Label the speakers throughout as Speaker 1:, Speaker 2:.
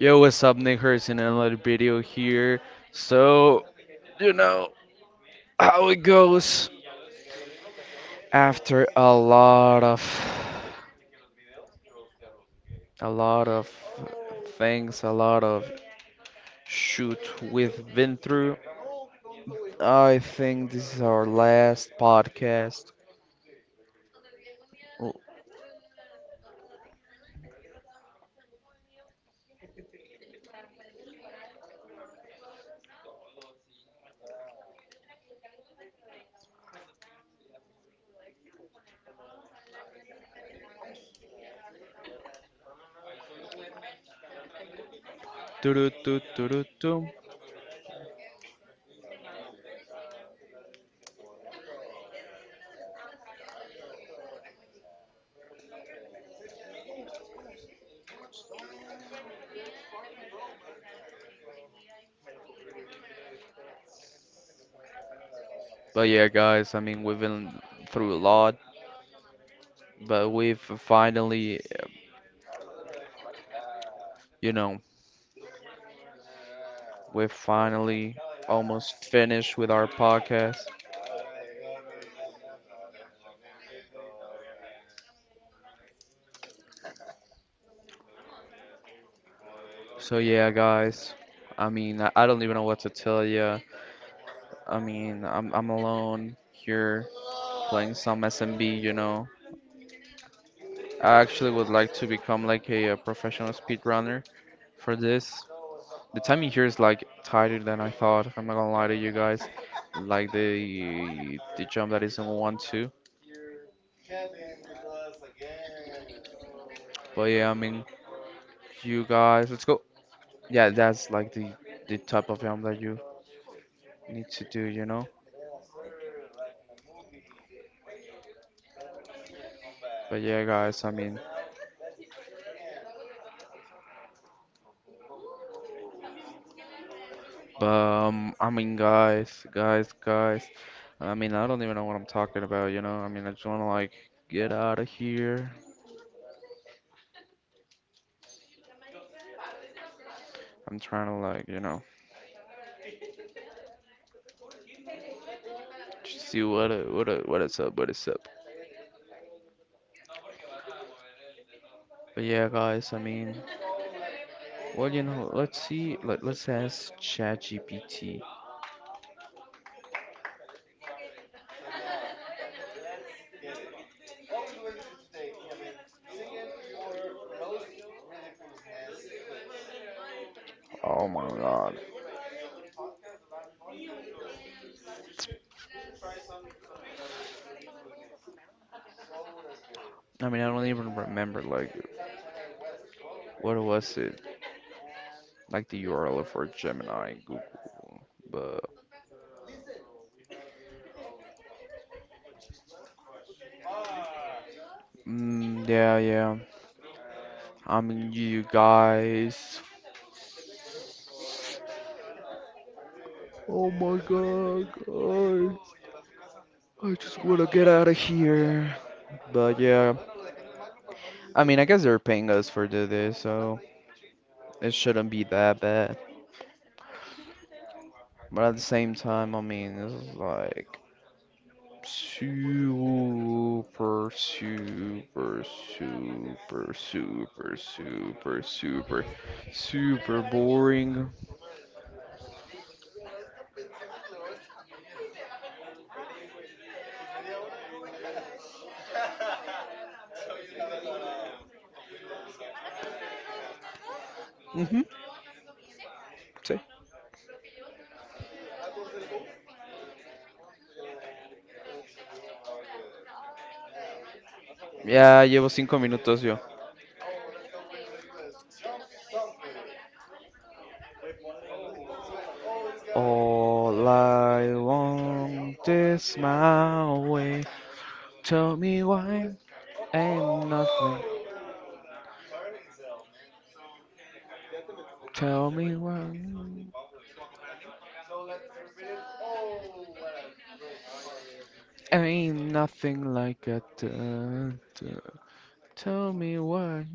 Speaker 1: Yo, what's up, Nickers? In another video here. So, you know how it goes after a lot of things, a lot of shoot we've been through. I think this is our last podcast. Doo-doo-doo-doo-doo-doo. But yeah, guys, I mean, we've been through a lot, but you know, we've finally almost finished with our podcast. So yeah, guys, I mean, I don't even know what to tell you. I mean, I'm alone here playing some SMB, you know. I actually would like to become like a professional speedrunner for this. The timing here is like tighter than I thought. I'm not gonna lie to you guys. Like the jump that is in 1-2. But yeah, I mean you guys, let's go. Yeah, that's like the type of jump that you need to do, you know. But yeah, guys, I mean, but I mean, guys. I mean, I don't even know what I'm talking about, you know. I mean, I just wanna like get out of here. I'm trying to like, you know, just see what is up, what is up. But yeah, guys, I mean. Well, you know, let's see. Let's ask ChatGPT. Oh my God. I mean, I don't even remember like what was it, like the URL for Gemini and Google. But yeah, yeah. I mean, you guys. Oh my God, guys. I just wanna get out of here. But yeah, I mean, I guess they're paying us for do this, so it shouldn't be that bad. But at the same time, I mean, this is like super, super, super, super, super, super, super boring. Ujú, sí. Ya llevo cinco minutos yo. All I want is my way. Tell me why ain't nothing. Tell me when. Ain't nothing like a dun, dun. Tell me why.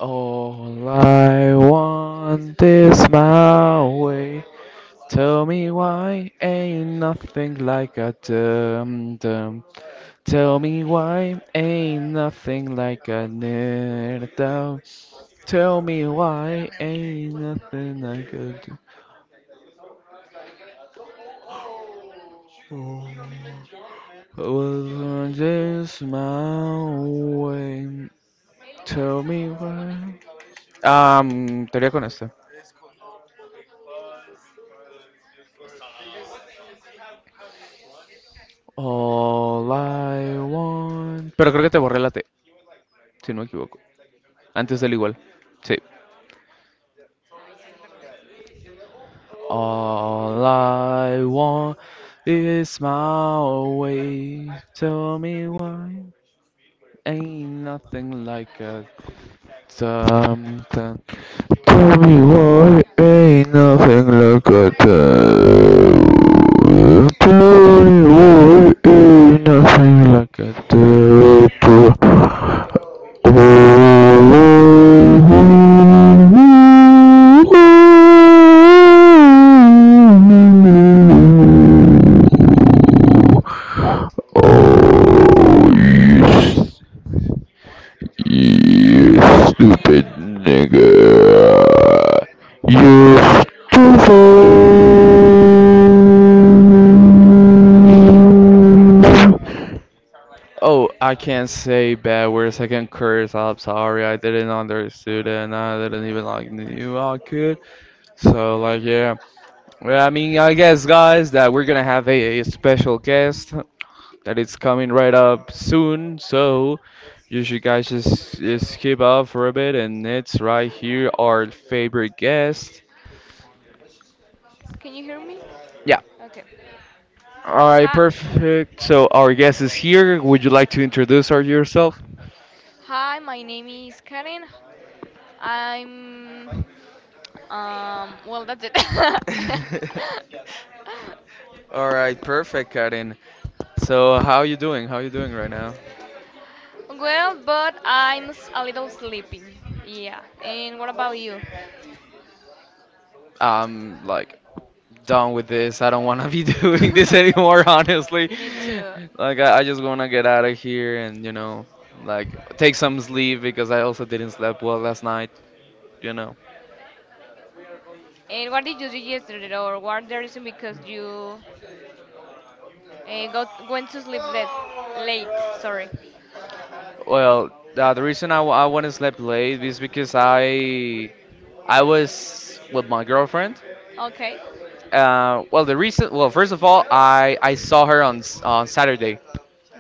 Speaker 1: All I want is my way. Tell me why ain't nothing like a dum dum. Tell me why ain't nothing like a nerd. Tell me why ain't nothing like a dum. I was born this mountain. Tell me why. Te iría con esta. All I want. Pero creo que te borré la T, si no me equivoco. Antes del igual. Sí. All I want is my way. Tell me why. Ain't nothing like a something. Tell me why ain't nothing like a tattoo. Tell me why ain't nothing like a tattoo. Oh, yes. Oh, I can't say bad words. I can curse. I'm sorry. I didn't understood and I didn't even like knew I could. So like yeah. Well, I mean, I guess guys that we're gonna have a special guest that is coming right up soon. So you should guys just keep up for a bit and it's right here our favorite guest.
Speaker 2: Can you hear me?
Speaker 1: Yeah.
Speaker 2: Okay.
Speaker 1: All right,
Speaker 2: Hi,
Speaker 1: perfect. So our guest is here. Would you like to introduce her yourself?
Speaker 2: hi. My name is Karen. I'm. Well, that's it.
Speaker 1: All right, perfect, Karin. So, how you doing? How you doing right now?
Speaker 2: Well, but a little sleepy. Yeah. And what about you?
Speaker 1: I'm like done with this. I don't want to be doing this anymore, honestly.
Speaker 2: Me too.
Speaker 1: Like, I just want to get out of here and, you know, like take some sleep because I also didn't sleep well last night, you know.
Speaker 2: And what did you do yesterday, or what the reason because you got went to sleep that late? Sorry.
Speaker 1: Well, the reason I want to sleep late is because I was with my girlfriend.
Speaker 2: Okay.
Speaker 1: Well, the reason, well, first of all, I saw her on on Saturday,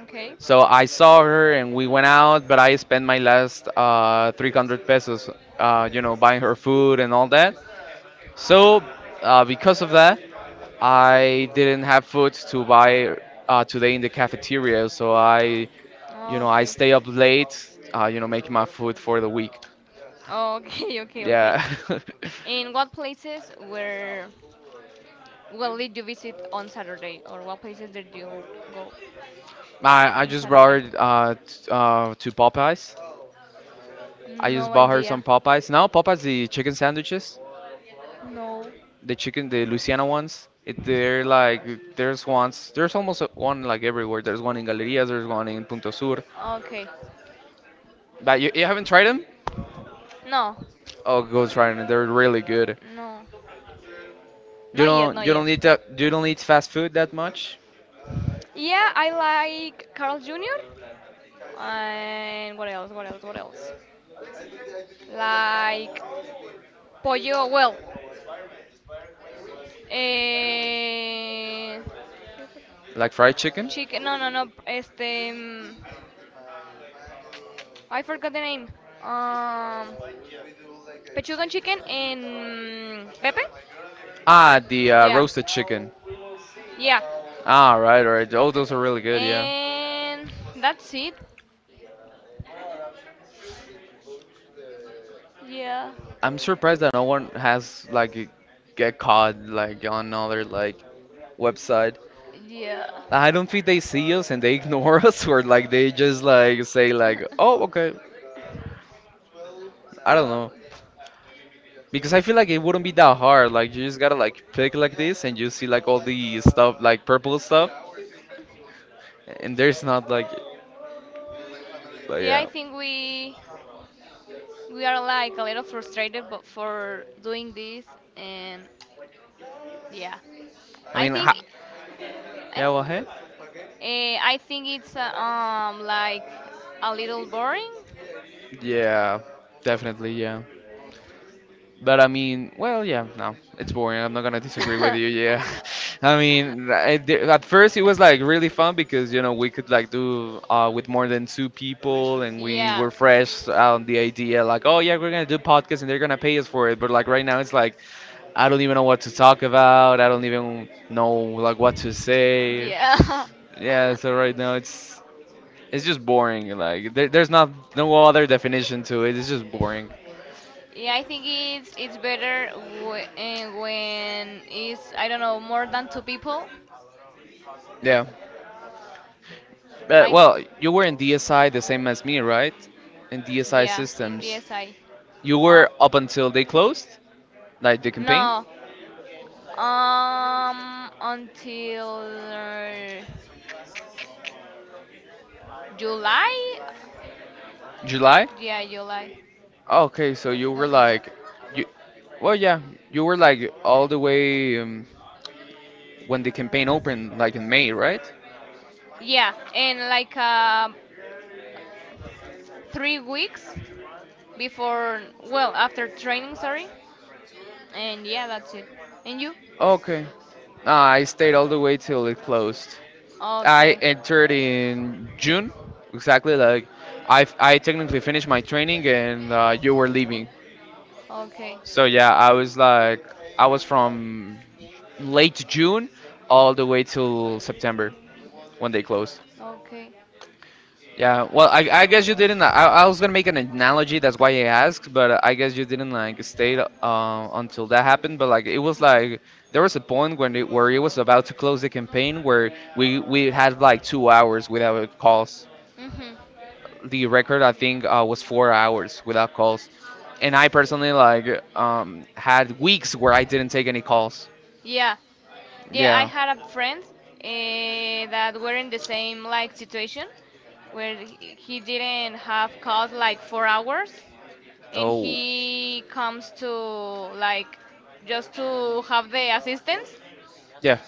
Speaker 2: Okay.
Speaker 1: so I saw her and we went out, but I spent my last 300 pesos, you know, buying her food and all
Speaker 2: Oh,
Speaker 1: that. So, because of that, I didn't have food to buy today in the cafeteria, so I, you know, I stay up late, you know, making my food for the week.
Speaker 2: oh, okay, okay, okay.
Speaker 1: Yeah.
Speaker 2: Yeah. And what places were well did you visit on Saturday, or what places did you go?
Speaker 1: Nah, I just brought her to Popeyes.
Speaker 2: I
Speaker 1: I just bought
Speaker 2: just
Speaker 1: her some Popeyes. Now Popeyes the chicken sandwiches,
Speaker 2: no.
Speaker 1: the chicken the Louisiana ones. It, they're like there's ones there's almost one like everywhere. There's one in Galerías, there's one in Punto Sur.
Speaker 2: Okay.
Speaker 1: But you haven't tried them?
Speaker 2: No.
Speaker 1: Oh, go try them. They're really good.
Speaker 2: No.
Speaker 1: You
Speaker 2: You
Speaker 1: don't eat that you don't eat fast food that much,
Speaker 2: yeah, I like Carl Jr. And what else? What else? What else? Like pollo. Well, eh,
Speaker 1: like
Speaker 2: like
Speaker 1: fried chicken.
Speaker 2: no, no, no. Este, I forgot the name. Um, pechuga and chicken and Pepe.
Speaker 1: Ah, the
Speaker 2: Yeah.
Speaker 1: roasted chicken.
Speaker 2: Yeah,
Speaker 1: Ah, right, right.
Speaker 2: those
Speaker 1: Oh, those
Speaker 2: are
Speaker 1: are
Speaker 2: really
Speaker 1: really
Speaker 2: good.
Speaker 1: good, yeah.
Speaker 2: And that's it. Yeah,
Speaker 1: I'm surprised that no one has like get caught like on another like website.
Speaker 2: yeah.
Speaker 1: I don't think they see us and they ignore us or like they just like
Speaker 2: Okay.
Speaker 1: say like, "Oh, okay." I
Speaker 2: Well,
Speaker 1: don't
Speaker 2: know.
Speaker 1: know. Because I feel like it wouldn't be that hard. Like you just gotta like pick like this and you see like all the stuff like purple stuff and there's not like but
Speaker 2: Yeah, I
Speaker 1: yeah.
Speaker 2: think we are like a little frustrated, but for doing this, and yeah,
Speaker 1: I
Speaker 2: I
Speaker 1: mean,
Speaker 2: think
Speaker 1: ha yeah, well,
Speaker 2: eh,
Speaker 1: hey.
Speaker 2: I think it's like a little boring.
Speaker 1: Yeah. Definitely, yeah. But I mean, well, yeah, no, it's boring. I'm not gonna disagree with you. Yeah, I mean, at first it was like really fun because you know we could like do with more than two people, and we
Speaker 2: Yeah.
Speaker 1: were fresh on the idea like, oh yeah, we're gonna do podcast and they're gonna pay us for it. But like right now, it's like I don't even know what to talk about. I don't even know like
Speaker 2: What
Speaker 1: what
Speaker 2: to
Speaker 1: to
Speaker 2: say.
Speaker 1: say.
Speaker 2: Yeah.
Speaker 1: Yeah, so right now it's just boring. Like there's not no other definition to it. It's just boring.
Speaker 2: Yeah, I think it's better when it's I don't know more than two people.
Speaker 1: Yeah.
Speaker 2: Uh, I well,
Speaker 1: Well, you
Speaker 2: you were
Speaker 1: were in
Speaker 2: the
Speaker 1: DSI the
Speaker 2: same
Speaker 1: same
Speaker 2: as
Speaker 1: as
Speaker 2: me,
Speaker 1: me,
Speaker 2: right?
Speaker 1: right? In
Speaker 2: In DSI
Speaker 1: DSI
Speaker 2: yeah system. In
Speaker 1: Systems.
Speaker 2: DSI.
Speaker 1: You were
Speaker 2: Uh,
Speaker 1: up
Speaker 2: also
Speaker 1: until they closed,
Speaker 2: like
Speaker 1: like the
Speaker 2: the
Speaker 1: campaign?
Speaker 2: no, until uh, July. July?
Speaker 1: July?
Speaker 2: Yeah, July.
Speaker 1: Oh, okay, so you were like, you, well, yeah, you were like all the way when the campaign opened, like in May, right?
Speaker 2: Yeah, and like 3 weeks before, well, after training, sorry. And yeah, that's it. And you?
Speaker 1: Okay. Nah, I stayed all the way till it closed.
Speaker 2: I
Speaker 1: I
Speaker 2: okay.
Speaker 1: entered in June, exactly. Like I technically finished my training and you were leaving.
Speaker 2: Okay.
Speaker 1: So yeah, I was like, I was from late June all the way till September when they closed.
Speaker 2: Okay.
Speaker 1: Yeah, well, I guess you didn't. I was gonna make an analogy, that's why I asked, but I guess you didn't like stay until that happened. But like it was like there was a point when it, where it was about to close the campaign where we had like 2 hours without calls.
Speaker 2: Mhm.
Speaker 1: The record I think was 4 hours without calls, and I personally like had weeks where I didn't take any calls.
Speaker 2: Yeah. Yeah, I
Speaker 1: Yeah.
Speaker 2: had a friend that were in the same like situation where he didn't have class like 4 hours and
Speaker 1: Oh.
Speaker 2: he comes to like just to have the assistance
Speaker 1: Yeah.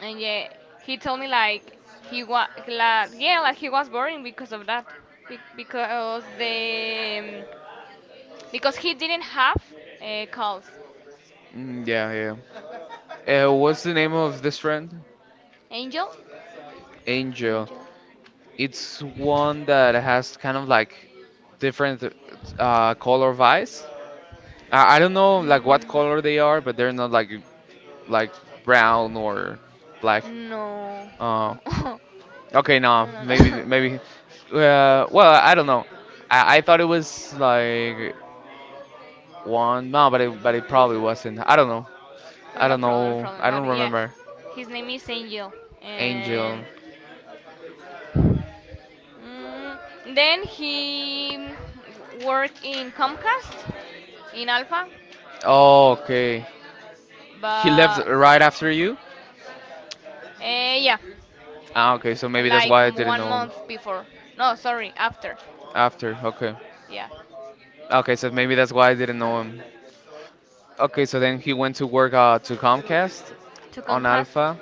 Speaker 2: and yeah he told me like he was like yeah like he was boring because of that. Because the because he didn't have calls.
Speaker 1: Yeah, yeah. What's the name of this friend?
Speaker 2: Angel.
Speaker 1: Angel. It's one that has kind of like different color of eyes. I don't know like what color
Speaker 2: mm,
Speaker 1: they are, but they're not like like brown or black.
Speaker 2: no,
Speaker 1: Uh,
Speaker 2: no no
Speaker 1: okay,
Speaker 2: no
Speaker 1: no,
Speaker 2: no
Speaker 1: maybe
Speaker 2: no
Speaker 1: maybe. Well, I don't know. I thought it was like one. No, but it probably wasn't. I don't know. I don't
Speaker 2: problem, no
Speaker 1: know.
Speaker 2: problem,
Speaker 1: I don't
Speaker 2: but yeah
Speaker 1: remember.
Speaker 2: his name is Angel and
Speaker 1: Angel.
Speaker 2: Mm, then he worked in Comcast in Alpha,
Speaker 1: Oh, okay. He left
Speaker 2: but
Speaker 1: right after you.
Speaker 2: yeah,
Speaker 1: Ah, okay, so maybe that's
Speaker 2: like
Speaker 1: why I didn't
Speaker 2: one
Speaker 1: know
Speaker 2: month before. No, sorry,
Speaker 1: him.
Speaker 2: after.
Speaker 1: After, okay.
Speaker 2: Yeah,
Speaker 1: Okay, so maybe that's why I didn't know him. Okay, so then he went to work to Comcast
Speaker 2: to
Speaker 1: on
Speaker 2: Comcast
Speaker 1: Alpha.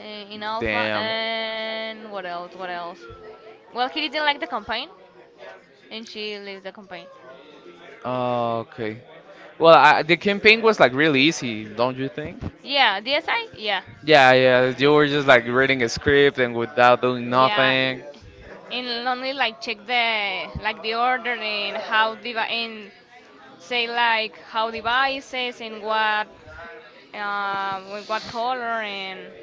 Speaker 2: in Alpha.
Speaker 1: Damn.
Speaker 2: And what else? What else? Well, he didn't like the campaign, and she left the campaign.
Speaker 1: Oh, okay. Well, I, the campaign was like really easy, don't you think?
Speaker 2: Yeah, DSI. Yeah,
Speaker 1: Yeah, yeah, you were just like reading a script and without doing
Speaker 2: yeah.
Speaker 1: nothing.
Speaker 2: And only like check the like the order and how diva and say like how devices and what with what color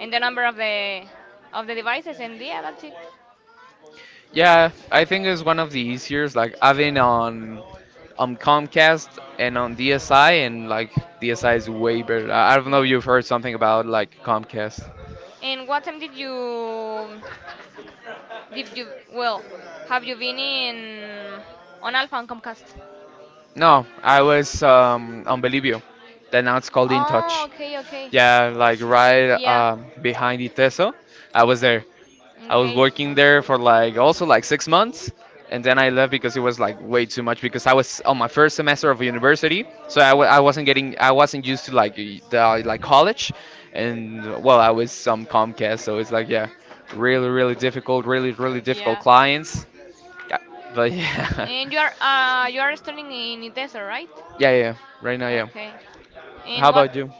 Speaker 2: and the number of the devices and yeah that's it.
Speaker 1: Yeah, I think it's one of the easiest, like having on Comcast and on DSI, and like DSI is way better.
Speaker 2: Okay,
Speaker 1: I don't know if you've heard something about like Comcast.
Speaker 2: and what time did you well have you been in on Alpha and Comcast?
Speaker 1: No, I was on Bellevue. Then now it's called In
Speaker 2: Oh
Speaker 1: Touch.
Speaker 2: okay, okay.
Speaker 1: Yeah, like right
Speaker 2: Yeah.
Speaker 1: behind Iteso. I was there. I was
Speaker 2: Okay.
Speaker 1: working there for like also like 6 months, and then I left because it was like way too much because I was on my first semester of university, so
Speaker 2: Yeah.
Speaker 1: I wasn't getting I wasn't used to like the like college, and well I was some Comcast, so it's like yeah, really really difficult
Speaker 2: Yeah.
Speaker 1: clients, yeah, but yeah.
Speaker 2: And you are studying in Itesa, right?
Speaker 1: Yeah, yeah, yeah. Right now, yeah.
Speaker 2: Okay. Yeah.
Speaker 1: How
Speaker 2: And what
Speaker 1: about you?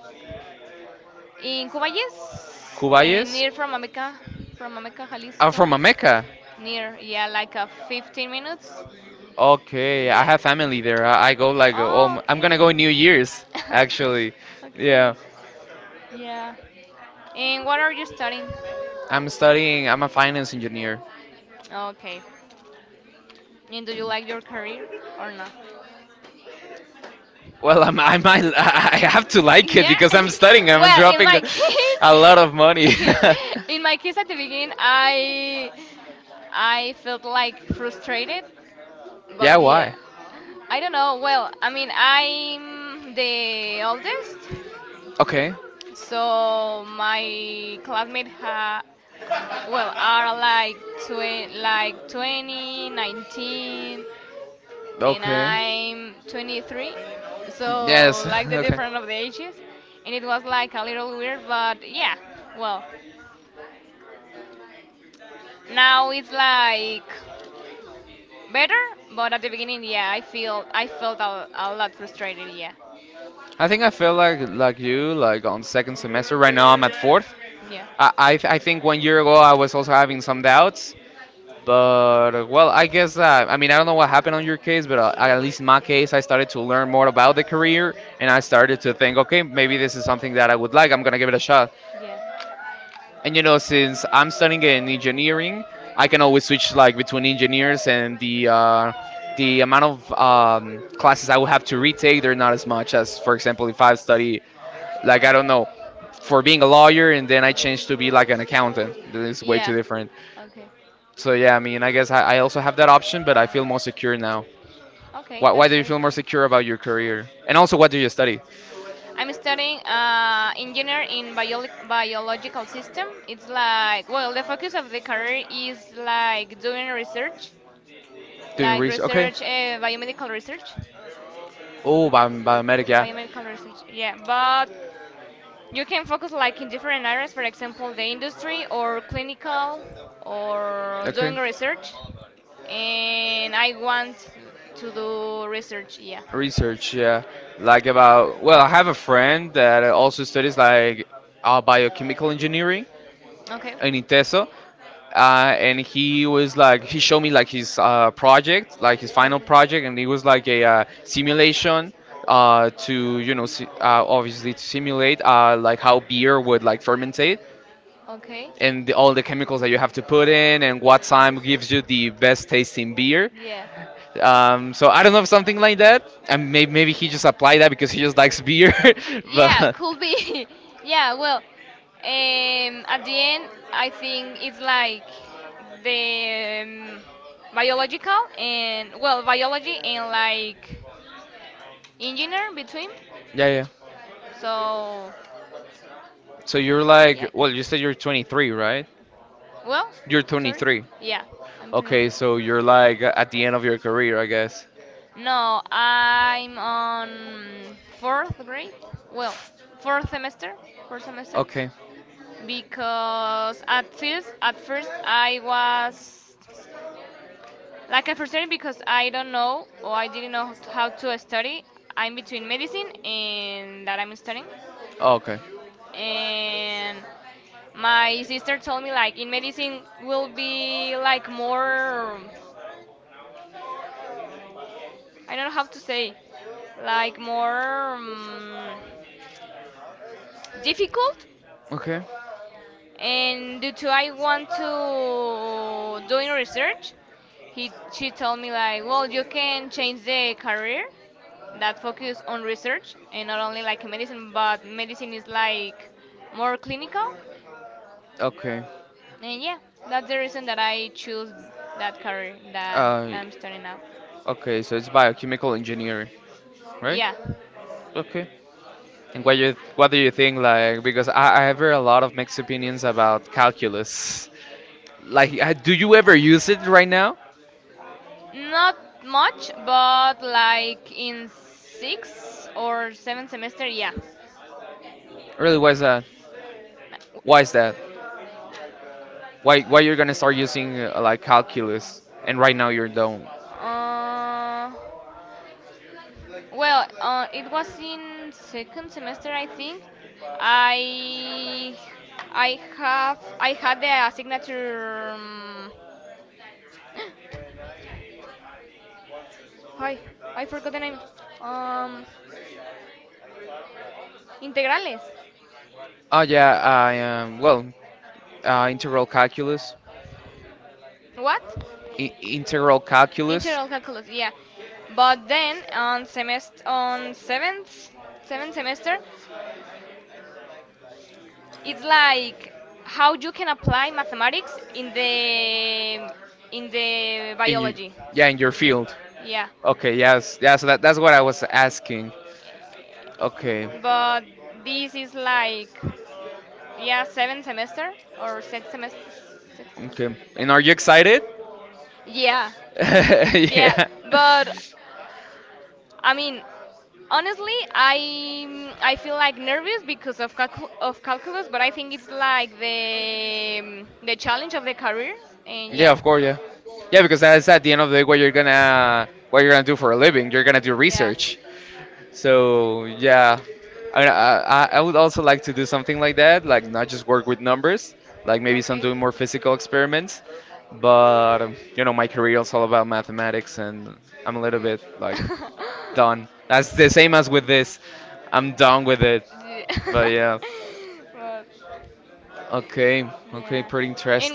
Speaker 2: in Cubayes?
Speaker 1: Cubayes?
Speaker 2: Near from Ameca,
Speaker 1: I'm
Speaker 2: Jalisco.
Speaker 1: from Ameca.
Speaker 2: Near, yeah, like a 15 minutes. Okay.
Speaker 1: Okay, I
Speaker 2: Yeah.
Speaker 1: have
Speaker 2: I
Speaker 1: family there. I go like,
Speaker 2: oh,
Speaker 1: oh, I'm
Speaker 2: okay.
Speaker 1: gonna go in New Year's,
Speaker 2: Okay.
Speaker 1: actually.
Speaker 2: Okay. Yeah.
Speaker 1: Yeah,
Speaker 2: Yeah. And what are you studying?
Speaker 1: I'm studying, I'm a finance engineer.
Speaker 2: Okay. And do you like your career or not?
Speaker 1: Well, I'm, I might, I have to like it
Speaker 2: Yeah.
Speaker 1: because I'm studying. I'm
Speaker 2: Well, in
Speaker 1: dropping
Speaker 2: my dropping
Speaker 1: a lot
Speaker 2: case,
Speaker 1: of money.
Speaker 2: in my case at the beginning, I felt like frustrated. Yeah,
Speaker 1: yeah,
Speaker 2: but yeah,
Speaker 1: why?
Speaker 2: I don't know. Well, I mean, I'm the oldest,
Speaker 1: Okay,
Speaker 2: so my classmates ha well are like twen like 20, 19, and
Speaker 1: okay.
Speaker 2: I'm 23, so
Speaker 1: Yes,
Speaker 2: like the
Speaker 1: okay.
Speaker 2: difference of the ages, and it was like a little weird, but yeah, well, now it's like better, but at the beginning, yeah, I felt a lot frustrated, yeah,
Speaker 1: I think I feel like you, like on second semester. Right now, I'm at fourth.
Speaker 2: yeah,
Speaker 1: I think one year ago I was also having some doubts, but well, I guess I mean I don't know what happened on your case, but at least in my case, I started to learn more about the career, and I started to think, okay, maybe this is something that I would like. I'm gonna give it a shot.
Speaker 2: yeah.
Speaker 1: And since I'm studying in engineering, I can always switch like between engineers and the amount of classes I would have to retake. They're not as much as, for example, if I study, like, I don't know, for being a lawyer and then I change to be like an accountant. It's way too
Speaker 2: Yeah.
Speaker 1: different.
Speaker 2: Okay,
Speaker 1: So yeah, I mean, I guess I also have that option, but I feel more secure now.
Speaker 2: okay,
Speaker 1: Why
Speaker 2: that's
Speaker 1: do you
Speaker 2: great.
Speaker 1: feel more secure about your career? And also, what do you study?
Speaker 2: I'm studying engineer in biological system. It's like well, the focus of the career is like doing research,
Speaker 1: Doing
Speaker 2: like
Speaker 1: research? Okay.
Speaker 2: research, biomedical research,
Speaker 1: Oh, biomedik, yeah.
Speaker 2: biomedical research. Yeah, but you can focus like in different areas. For example, the industry or clinical or
Speaker 1: Okay.
Speaker 2: doing research. And I want to do research. Yeah.
Speaker 1: Research, yeah. Like about, well, I have a friend that also studies like biochemical engineering,
Speaker 2: Okay.
Speaker 1: in Inteso, and he showed me, like, his project, like his final
Speaker 2: Okay.
Speaker 1: project, and it was like a simulation, to obviously to simulate, like, how beer would like fermentate
Speaker 2: Okay.
Speaker 1: and all the chemicals that you have to put in and what time gives you the best tasting beer.
Speaker 2: Yeah.
Speaker 1: So I don't know if something like that, and maybe he just applied that because he just likes beer, but
Speaker 2: Could be. Yeah, well, at the end, I think it's like the biological and well, biology and like engineer between.
Speaker 1: yeah, yeah.
Speaker 2: So
Speaker 1: So you're like, well, you said you're 23, right?
Speaker 2: well,
Speaker 1: You're
Speaker 2: 23. Sorry.
Speaker 1: 23.
Speaker 2: Yeah, I'm Okay,
Speaker 1: Okay,
Speaker 2: 23.
Speaker 1: so
Speaker 2: Okay,
Speaker 1: you're like at the end of your career, I guess.
Speaker 2: no, I'm on fourth grade. Well, fourth semester, fourth semester,
Speaker 1: Okay.
Speaker 2: because at first I was like frustrated because I didn't know how to study. I'm between medicine and that I'm studying,
Speaker 1: Okay.
Speaker 2: and my sister told me like in medicine will be like more I don't know how to say, like more difficult.
Speaker 1: Okay.
Speaker 2: And due to I want to doing research, he she told me like, well, you can change the career that focus on research and not only like medicine, but medicine is like more clinical.
Speaker 1: Okay.
Speaker 2: And yeah, that's the reason that I choose that career that
Speaker 1: Uh,
Speaker 2: I'm studying now.
Speaker 1: okay, so it's biochemical engineering, right?
Speaker 2: Yeah.
Speaker 1: Okay. And what do you think, like, because I've heard a lot of mixed opinions about calculus. Like, do you ever use it right now?
Speaker 2: Not much, but like in six or seven semester, yeah.
Speaker 1: Really, why is that? Why is that? Why you're gonna start using like calculus and right now you don't?
Speaker 2: Uh, it was in second semester, I think. I I had the signature. Hi, I forgot the name. Um, integrales.
Speaker 1: Oh yeah, I well, uh, integral calculus,
Speaker 2: What?
Speaker 1: integral calculus.
Speaker 2: Integral calculus, yeah. But then on seventh semester, it's like how you can apply mathematics in the
Speaker 1: you,
Speaker 2: biology.
Speaker 1: yeah, in your field.
Speaker 2: Yeah,
Speaker 1: Okay, yes, yeah. So that's what I was asking. Okay, but
Speaker 2: but this is like yeah seventh semester or sixth semester sixth semester.
Speaker 1: okay. And are you excited?
Speaker 2: Yeah. Yeah,
Speaker 1: Yeah.
Speaker 2: but I mean honestly I feel like nervous because of of calculus, but I think it's like the challenge of the career. And
Speaker 1: Yeah,
Speaker 2: yeah.
Speaker 1: of course, yeah. Yeah, because that's at the end of the day what you're gonna do for a living. You're gonna do
Speaker 2: Yeah
Speaker 1: research. So yeah, I mean, I would also like to do something like that, like not just work with numbers, like maybe some doing more physical experiments. But my career is all about mathematics, and I'm a little
Speaker 2: I.
Speaker 1: bit like done. That's the same as with this. I'm done with it. But yeah,
Speaker 2: Yeah. But
Speaker 1: okay, okay, pretty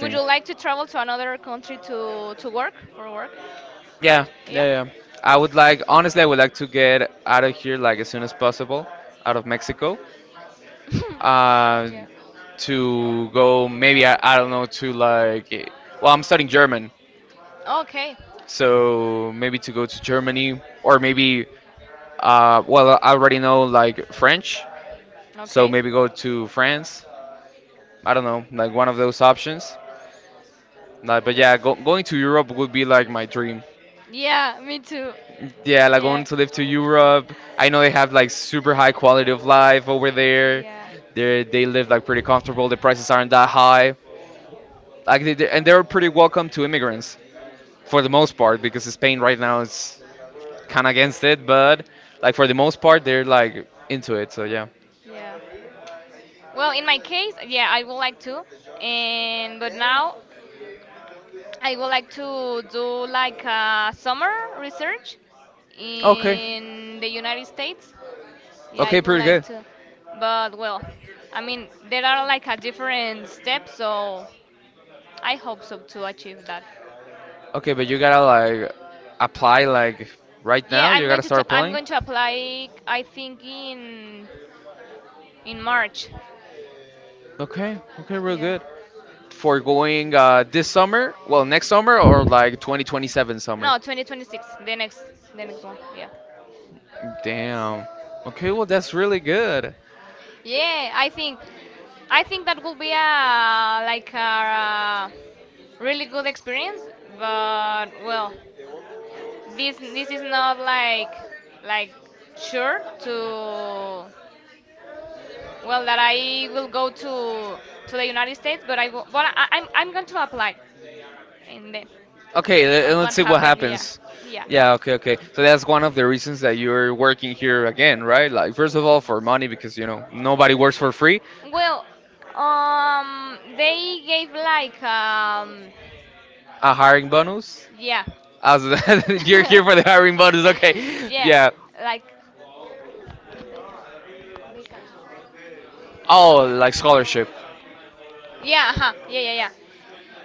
Speaker 2: would you like to travel to another country to work for work?
Speaker 1: Yeah, yeah, yeah. I would like, honestly, I would like to get out of here, like, as soon as possible, out of Mexico. Uh, to go, maybe I don't know, to, like, well, I'm studying German,
Speaker 2: Okay.
Speaker 1: so maybe to go to Germany, or maybe, well, I already know, like, French,
Speaker 2: So
Speaker 1: so
Speaker 2: okay.
Speaker 1: maybe go to France. I don't know, like one of those options. Like, but yeah, going to Europe would be like my dream.
Speaker 2: Yeah, me too.
Speaker 1: Yeah, like going
Speaker 2: Yeah.
Speaker 1: to live to Europe. I know they have like super high quality of life over there.
Speaker 2: Yeah,
Speaker 1: They live like pretty comfortable. The prices aren't that high. Like they- and they're pretty welcome to immigrants for the most part, because Spain right now is kind of against it, but, like, for the most part they're like into it. So yeah.
Speaker 2: yeah. Well, in my case, yeah, I would like to, and but now I would like to do like a summer research.
Speaker 1: Okay.
Speaker 2: Okay. In the United States. Yeah,
Speaker 1: Okay,
Speaker 2: I
Speaker 1: pretty
Speaker 2: would
Speaker 1: good.
Speaker 2: like good. To, but well, I mean there are like a different steps, so I hope so to achieve that.
Speaker 1: Okay, but you gotta, like, apply, like, right now.
Speaker 2: Yeah,
Speaker 1: You gotta start applying.
Speaker 2: I'm going to apply. I think in March.
Speaker 1: Okay, okay, real good.
Speaker 2: Yeah.
Speaker 1: For going, this summer, well, next summer, or like 2027 summer.
Speaker 2: No, 2026. The next one. Yeah.
Speaker 1: Damn. Okay, well, that's really good.
Speaker 2: Yeah, I think that will be a like a really good experience. But well, this is not like like sure to well, that I will go to the United States, but I will, but I'm going to apply, and then
Speaker 1: Okay, and let's see
Speaker 2: what
Speaker 1: what
Speaker 2: happened? Yeah,
Speaker 1: happens. Yeah,
Speaker 2: yeah.
Speaker 1: okay, okay. So that's one of the reasons that you're working here again, right? Like, first of all, for money, because nobody works for free.
Speaker 2: Well, they gave like
Speaker 1: A hiring bonus.
Speaker 2: yeah.
Speaker 1: As you're here for the hiring bonus, okay. Yeah.
Speaker 2: Yeah, like.
Speaker 1: Oh, like scholarship.
Speaker 2: Yeah, uh-huh. Yeah, yeah,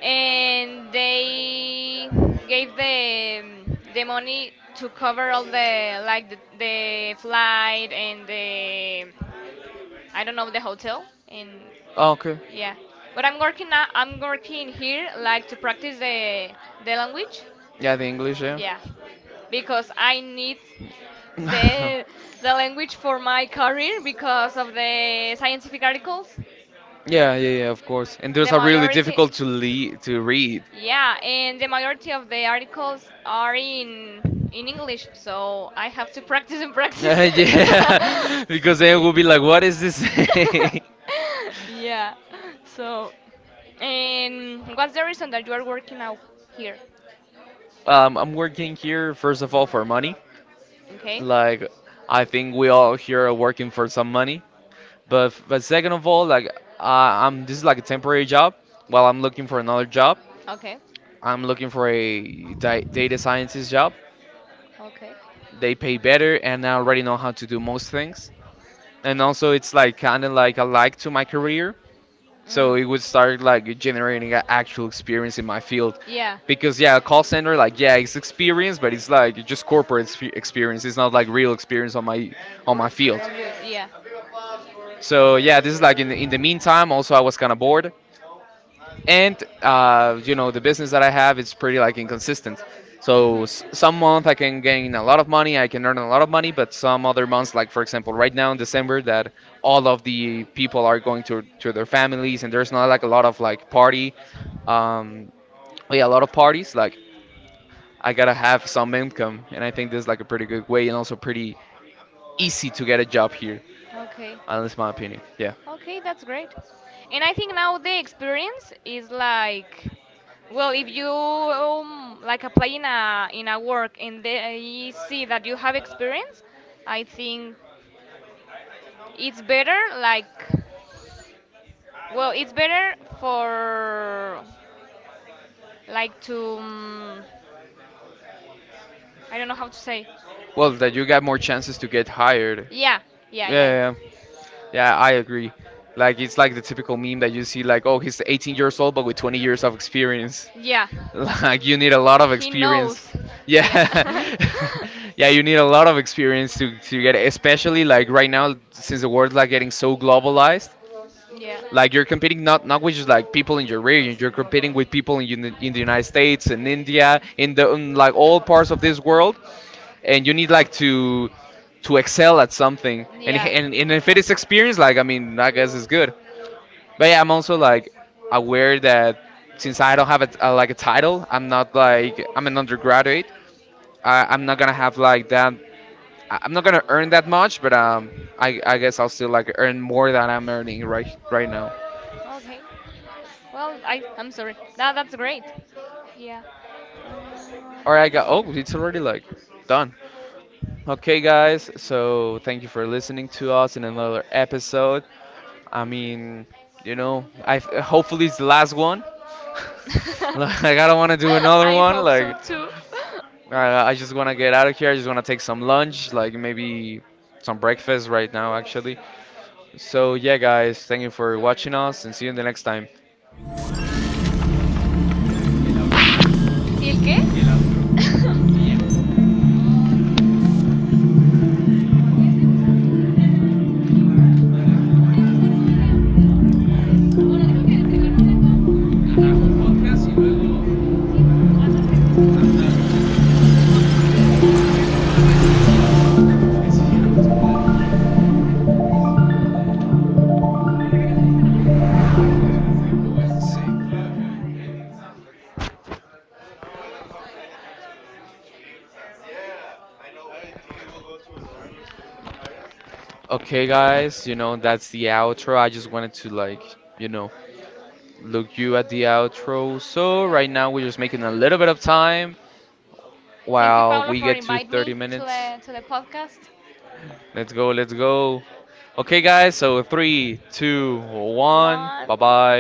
Speaker 2: yeah. And they gave the money to cover all the like the flight and the I don't know the hotel and
Speaker 1: Oh, okay.
Speaker 2: yeah. But I'm working now, I'm working here like to practice the language.
Speaker 1: Yeah, the English, yeah.
Speaker 2: Yeah, because I need the the language for my career because of the scientific articles.
Speaker 1: Yeah, yeah, yeah, of course. And those are
Speaker 2: The
Speaker 1: really
Speaker 2: majority
Speaker 1: difficult to le to read.
Speaker 2: yeah, and the majority of the articles are in English, so I have to practice and practice.
Speaker 1: Yeah, because they
Speaker 2: They
Speaker 1: will
Speaker 2: will
Speaker 1: be
Speaker 2: be
Speaker 1: like,
Speaker 2: like,
Speaker 1: what
Speaker 2: what
Speaker 1: is
Speaker 2: is
Speaker 1: this
Speaker 2: this?
Speaker 1: saying?
Speaker 2: Yeah. So, and what's the reason that you are working out here?
Speaker 1: I'm working here, first of all, for money.
Speaker 2: Okay.
Speaker 1: Like,
Speaker 2: Like
Speaker 1: I
Speaker 2: I
Speaker 1: think
Speaker 2: think
Speaker 1: we
Speaker 2: we
Speaker 1: all
Speaker 2: all
Speaker 1: here are working
Speaker 2: working
Speaker 1: for
Speaker 2: for
Speaker 1: some
Speaker 2: some money.
Speaker 1: money. But second of all, like, I I'm this is like a temporary job while I'm looking for another job.
Speaker 2: Okay.
Speaker 1: I'm looking for a data scientist job.
Speaker 2: Okay.
Speaker 1: They pay better, and I already know how to do most things. And also, it's like kind of like a, like, to my career,
Speaker 2: So
Speaker 1: so it
Speaker 2: mm. Yeah.
Speaker 1: would start
Speaker 2: Like
Speaker 1: like generating
Speaker 2: generating
Speaker 1: a actual
Speaker 2: actual
Speaker 1: experience in
Speaker 2: experience in
Speaker 1: my
Speaker 2: my
Speaker 1: field.
Speaker 2: field. Yeah.
Speaker 1: Because yeah, a call center, like,
Speaker 2: Like
Speaker 1: yeah,
Speaker 2: yeah,
Speaker 1: it's experience,
Speaker 2: experience,
Speaker 1: but
Speaker 2: but
Speaker 1: it's
Speaker 2: it's like
Speaker 1: like just
Speaker 2: just
Speaker 1: corporate
Speaker 2: corporate
Speaker 1: expe- experience.
Speaker 2: experience.
Speaker 1: It's not like real experience on my field.
Speaker 2: Of your, yeah.
Speaker 1: So yeah, this is like in the meantime. Also, I was kind of bored. And you know, the business that I have is pretty like inconsistent, so
Speaker 2: Mhm.
Speaker 1: some month I can gain a lot of money, I can earn a lot of money, but some other months, like, for example, right now in December, that all of the people are going to their families, and there's not like a lot of like party, um yeah, a lot of parties, like, I gotta have some income, and I think this is like a pretty good way, and also pretty easy to get a job here.
Speaker 2: Okay.
Speaker 1: That's my opinion, yeah.
Speaker 2: Okay, that's great. And I think now the experience is like, well, if you like apply in a work and they see that you have experience, I think it's better like, well, it's better for like to I don't know how to say.
Speaker 1: Well, that you got more chances to get hired, yeah,
Speaker 2: Yeah,
Speaker 1: yeah,
Speaker 2: yeah, yeah.
Speaker 1: yeah. Yeah, I agree. Like, it's like the typical meme that you see, like, oh, he's 18 years old but with 20 years of experience.
Speaker 2: Yeah, yeah,
Speaker 1: Like, you need a lot of
Speaker 2: yeah. He
Speaker 1: experience.
Speaker 2: knows.
Speaker 1: Yeah, yeah, you need a lot of experience to get, especially like right now since the world's like getting so globalized.
Speaker 2: Yeah.
Speaker 1: Like,
Speaker 2: Yeah.
Speaker 1: you're competing not with, just like, people in your region, you're competing with people in in the United States and India, in the in, like, all parts of this world, and you need, like, to excel at something, and if it is experience, like, I mean, I guess it's good. But yeah, I'm also like aware that since I don't have a, like, a title, I'm not, like, I'm an undergraduate. I'm not gonna have, like, that. I'm not gonna earn that much, but I guess I'll still like earn more than I'm earning right now.
Speaker 2: Okay. Well, I I'm sorry. That's great. Yeah.
Speaker 1: All
Speaker 2: Um,
Speaker 1: right, got, oh, it's already like done. Okay, guys, so thank you for listening to us in another episode. I mean, you know, I hopefully it's the last one. Like, I don't want to do another one. Like,
Speaker 2: too.
Speaker 1: I just want to get out of here. I just want to take some lunch, like maybe some breakfast right now, actually. So, yeah, guys, thank you for watching us and see you in the next time.
Speaker 2: ¿Y el qué?
Speaker 1: Okay, guys, that's the outro. I just wanted to, like, you know, look you at the outro. So, right now, we're just making a little bit of time while we get
Speaker 2: For
Speaker 1: to
Speaker 2: inviting
Speaker 1: 30
Speaker 2: me
Speaker 1: minutes.
Speaker 2: to the podcast.
Speaker 1: Let's go, let's go. Okay, guys, so three, two, one. Bye bye.